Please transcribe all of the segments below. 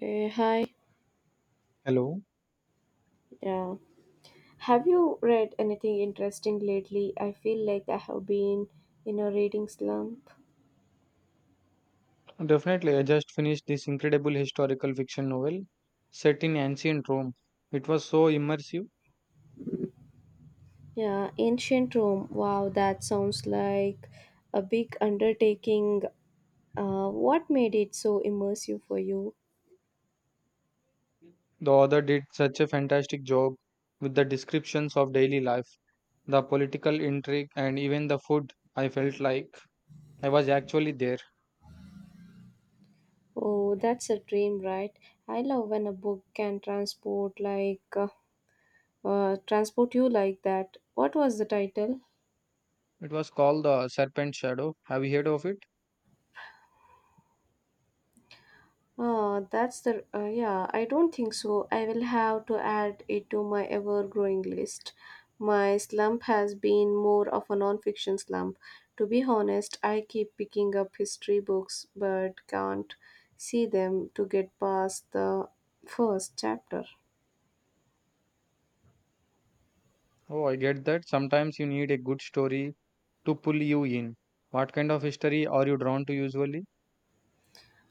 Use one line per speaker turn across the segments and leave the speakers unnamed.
Hi.
Hello.
Yeah. Have you read anything interesting lately? I feel like I have been in a reading slump.
Definitely, I just finished this incredible historical fiction novel set in ancient Rome. It was so immersive.
Yeah, ancient Rome. Wow, that sounds like a big undertaking. What made it so immersive for you?
The author did such a fantastic job with the descriptions of daily life, the political intrigue, and even the food. I felt like I was actually there.
Oh, that's a dream, right? I love when a book can transport like transport you like that. What was the title?
It was called The Serpent Shadow. Have you heard of it?
Oh, that's the yeah, I don't think so. I will have to add it to my ever-growing list. My slump has been more of a non-fiction slump. To be honest, I keep picking up history books but can't see them to get past the first chapter.
Oh, I get that. Sometimes you need a good story to pull you in. What kind of history are you drawn to usually?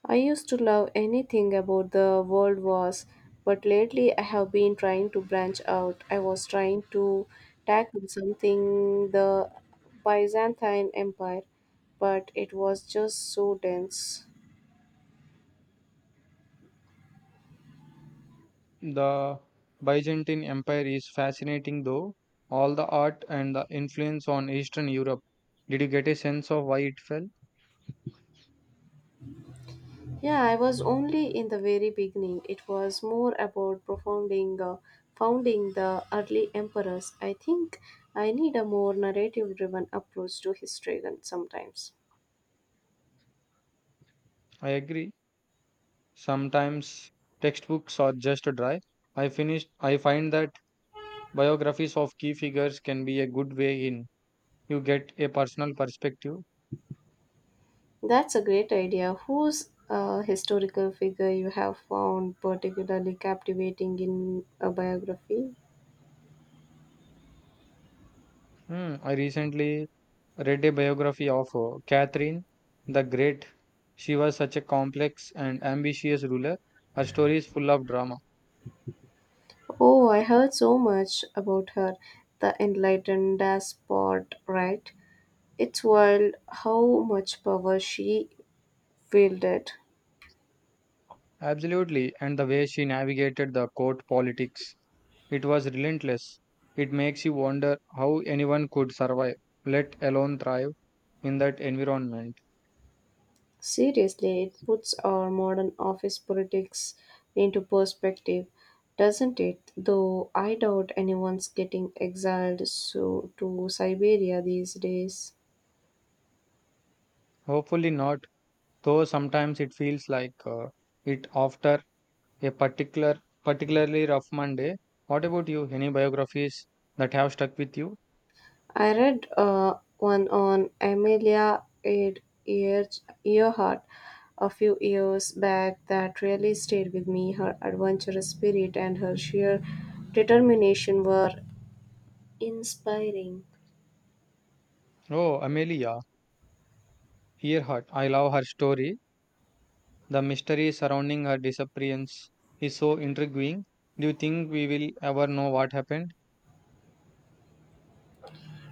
I used to love anything about the world wars, but lately I have been trying to branch out. I was trying to tackle something the Byzantine Empire, but it was just so dense.
The Byzantine Empire is fascinating though, all the art and the influence on Eastern Europe. Did you get a sense of why it fell?
Yeah, I was only in the very beginning. It was more about founding the early emperors. I think I need a more narrative driven approach to history than sometimes.
I agree. Sometimes textbooks are just dry. I find that biographies of key figures can be a good way in. You get a personal perspective.
That's a great idea. Whose historical figure you have found particularly captivating in a biography?
I recently read a biography of Catherine the Great. She was such a complex and ambitious ruler. Her story is full of drama.
Oh, I heard so much about her, the enlightened despot, right? It's wild how much power she wielded.
Absolutely, and the way she navigated the court politics, it was relentless. It makes you wonder how anyone could survive, let alone thrive, in that environment.
Seriously, it puts our modern office politics into perspective, doesn't it? Though I doubt anyone's getting exiled so to Siberia these days.
Hopefully not, though sometimes it feels like it after a particular, particularly rough Monday. What about you? Any biographies that have stuck with you?
I read one on Ear- Earhart a few years back that really stayed with me. Her adventurous spirit and her sheer determination were inspiring.
Oh, Amelia Earhart. I love her story. The mystery surrounding her disappearance is so intriguing. Do you think we will ever know what happened?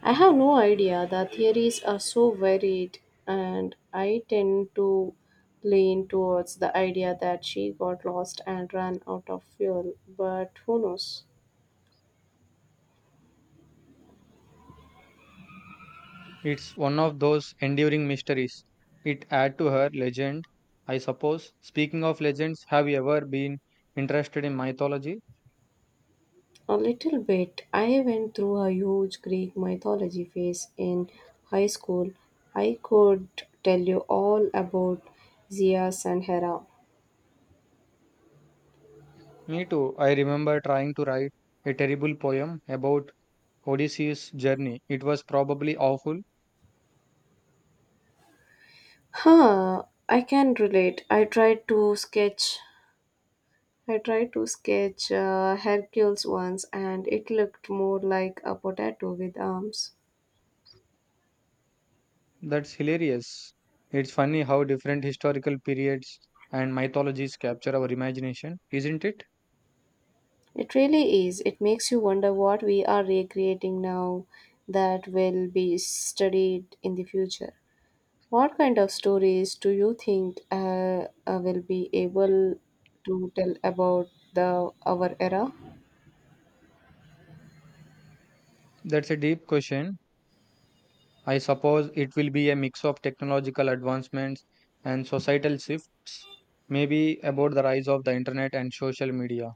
I have no idea. The theories are so varied, and I tend to lean towards the idea that she got lost and ran out of fuel, but who knows?
It's one of those enduring mysteries. It adds to her legend, I suppose. Speaking of legends, have you ever been interested in mythology?
A little bit. I went through a huge Greek mythology phase in high school. I could tell you all about Zeus and Hera.
Me too. I remember trying to write a terrible poem about Odysseus' journey. It was probably awful.
I can relate. I tried to sketch Hercules once and it looked more like a potato with arms.
That's hilarious. It's funny how different historical periods and mythologies capture our imagination, isn't it?
It really is. It makes you wonder what we are recreating now that will be studied in the future. What kind of stories do you think will be able to tell about the our era?
That's a deep question. I suppose it will be a mix of technological advancements and societal shifts, maybe about the rise of the internet and social media,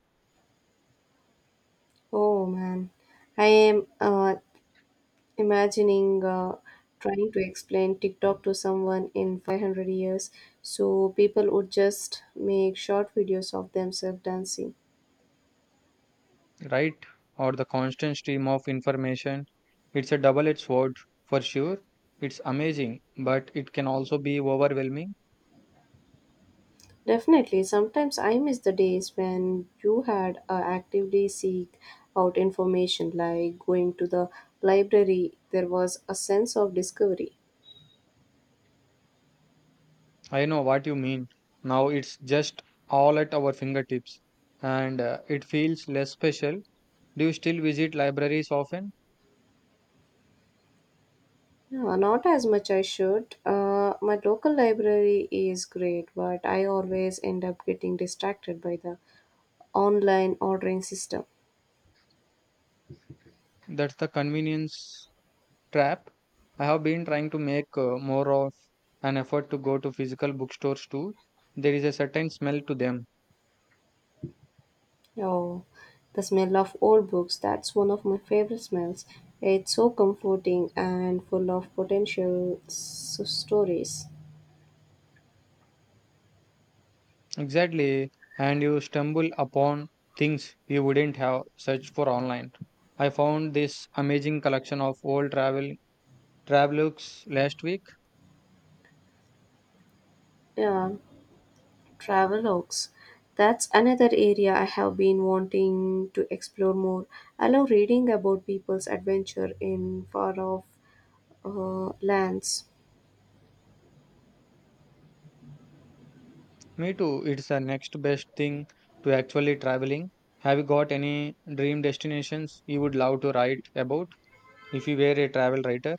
Oh man, I am imagining trying to explain TikTok to someone in 500 years, so people would just make short videos of themselves dancing.
right? Or the constant stream of information. It's a double edged sword for sure. It's amazing, but it can also be overwhelming.
Definitely. Sometimes I miss the days when you had actively seek out information, like going to the library. There was a sense of discovery.
I know what you mean. Now it's just all at our fingertips and it feels less special. Do you still visit libraries often?
Yeah, not as much I should. My local library is great, but I always end up getting distracted by the online ordering system.
That's the convenience trap. I have been trying to make more of an effort to go to physical bookstores too. There is a certain smell to them.
Oh, the smell of old books, that's one of my favorite smells. It's so comforting and full of potential stories.
Exactly. And you stumble upon things you wouldn't have searched for online. I found this amazing collection of old travelers last week.
Yeah. Travelogues. That's another area I have been wanting to explore more. I love reading about people's adventure in far off lands.
Me too. It's the next best thing to actually traveling. Have you got any dream destinations you would love to write about if you were a travel writer?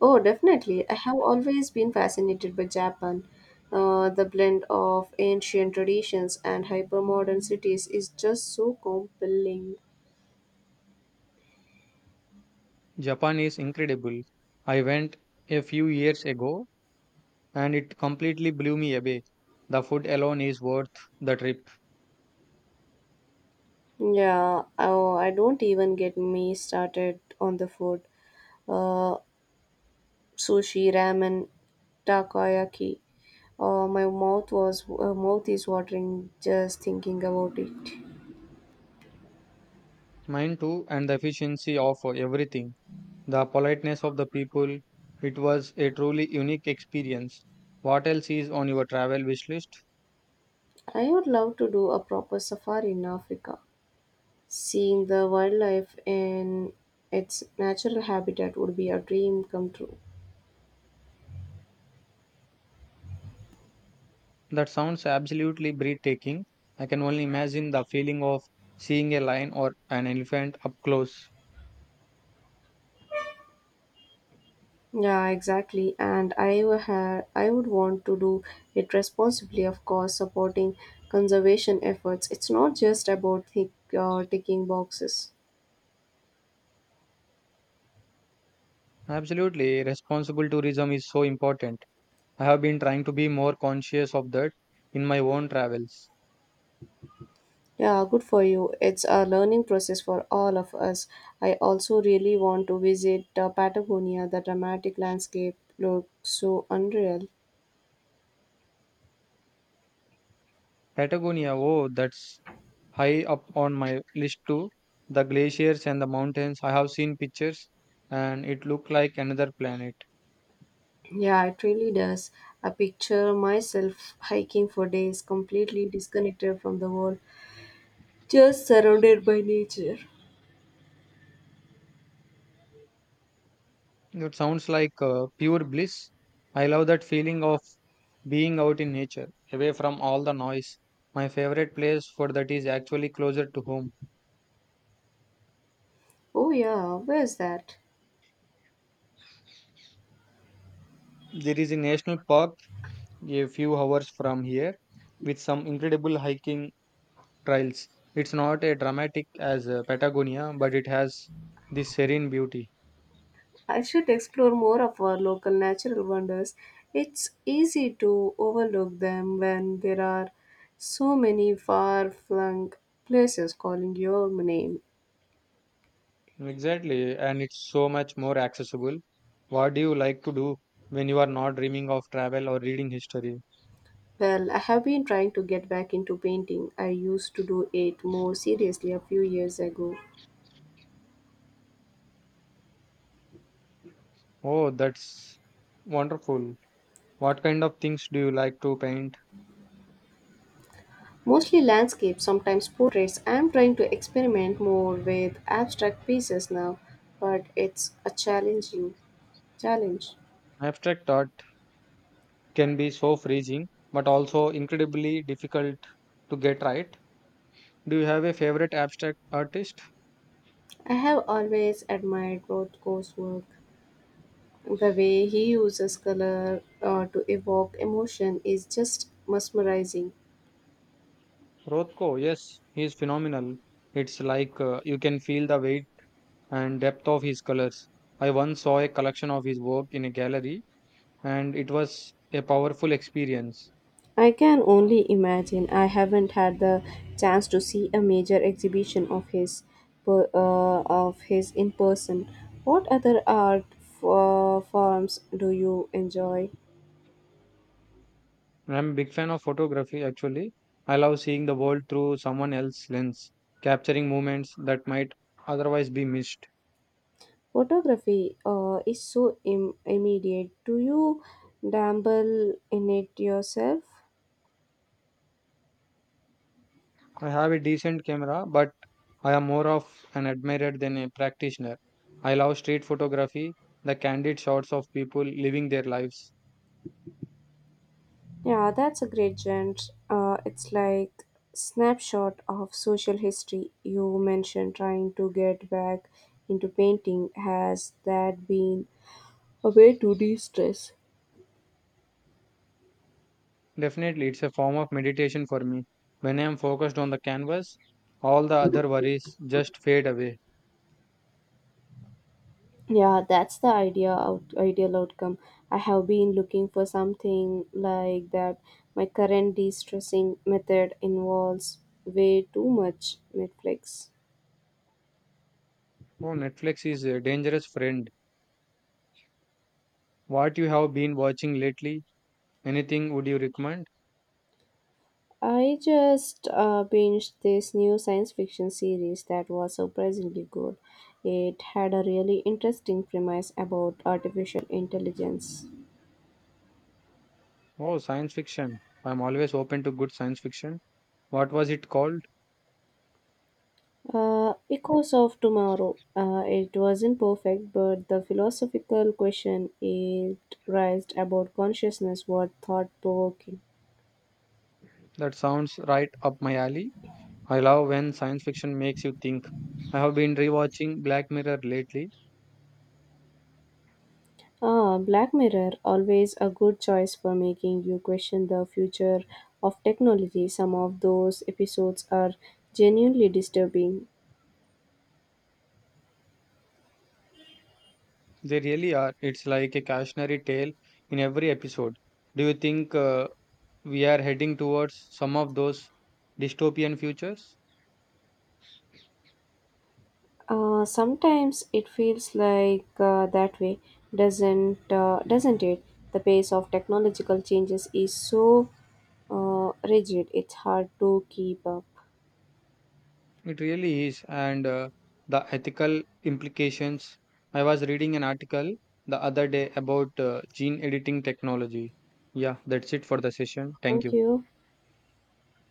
Oh, definitely. I have always been fascinated by Japan. The blend of ancient traditions and hypermodern cities is just so compelling.
Japan is incredible. I went a few years ago and it completely blew me away. The food alone is worth the trip.
Yeah, oh, I don't even get me started on the food. Uh, Sushi, ramen, takoyaki. Oh, my mouth was mouth is watering just thinking about it.
Mine too, and the efficiency of everything. The politeness of the people. It was a truly unique experience. What else is on your travel wish list?
I would love to do a proper safari in Africa. Seeing the wildlife in its natural habitat would be a dream come true.
That sounds absolutely breathtaking. I can only imagine the feeling of seeing a lion or an elephant up close.
Yeah, exactly. And I would want to do it responsibly, of course, supporting conservation efforts. It's not just about ticking boxes.
Absolutely, responsible tourism is so important. I have been trying to be more conscious of that in my own travels.
Yeah, good for you. It's a learning process for all of us. I also really want to visit Patagonia. The dramatic landscape looks so unreal.
Patagonia, oh, that's high up on my list too. The glaciers and the mountains, I have seen pictures and it looked like another planet.
Yeah, it really does. I picture myself hiking for days, completely disconnected from the world, just surrounded by nature.
It sounds like pure bliss. I love that feeling of being out in nature, away from all the noise. My favorite place for that is actually closer to home.
Oh, yeah, where's that?
There is a national park a few hours from here with some incredible hiking trials. It's not a dramatic as Patagonia, but it has this serene beauty.
I should explore more of our local natural wonders. It's easy to overlook them when there are so many far flung places calling your name.
Exactly, and it's so much more accessible. What do you like to do when you are not dreaming of travel or reading history?
Well, I have been trying to get back into painting. I used to do it more seriously a few years ago.
Oh, that's wonderful. What kind of things do you like to paint?
Mostly landscapes, sometimes portraits. I am trying to experiment more with abstract pieces now, but it's a challenging challenge.
Abstract art can be so freezing, but also incredibly difficult to get right. Do you have a favorite abstract artist?
I have always admired Rothko's work. The way he uses color to evoke emotion is just mesmerizing.
Rothko, yes, he is phenomenal. It's like you can feel the weight and depth of his colors. I once saw a collection of his work in a gallery, and it was a powerful experience.
I can only imagine. I haven't had the chance to see a major exhibition of of his in person. What other art forms do you enjoy?
I'm a big fan of photography actually. I love seeing the world through someone else's lens, capturing moments that might otherwise be missed.
Photography is so immediate. Do you dabble in it yourself?
I have a decent camera, but I am more of an admirer than a practitioner. I love street photography, the candid shots of people living their lives.
Yeah, that's a great genre. It's like snapshot of social history. You mentioned trying to get back into painting. Has that been a way to de-stress?
Definitely, it's a form of meditation for me. When I am focused on the canvas, all the other worries just fade away.
Yeah, that's the ideal outcome. I have been looking for something like that. My current de-stressing method involves way too much Netflix.
Oh, Netflix is a dangerous friend. What you have been watching lately? Anything would you recommend?
I just binged this new science fiction series that was surprisingly good. It had a really interesting premise about artificial intelligence.
Oh, science fiction. I'm always open to good science fiction. What was it called?
Echoes of Tomorrow. It wasn't perfect, but the philosophical question it raised about consciousness was thought provoking.
That sounds right up my alley. I love when science fiction makes you think. I have been rewatching Black Mirror lately.
Ah, Black Mirror, always a good choice for making you question the future of technology. Some of those episodes are genuinely disturbing.
They really are. It's like a cautionary tale in every episode. Do you think we are heading towards some of those dystopian futures.
Sometimes it feels like that way, doesn't it? The pace of technological changes is so rigid; it's hard to keep up.
It really is. And the ethical implications. I was reading an article the other day about gene editing technology. Yeah, that's it for the session. Thank
Thank
you.
you.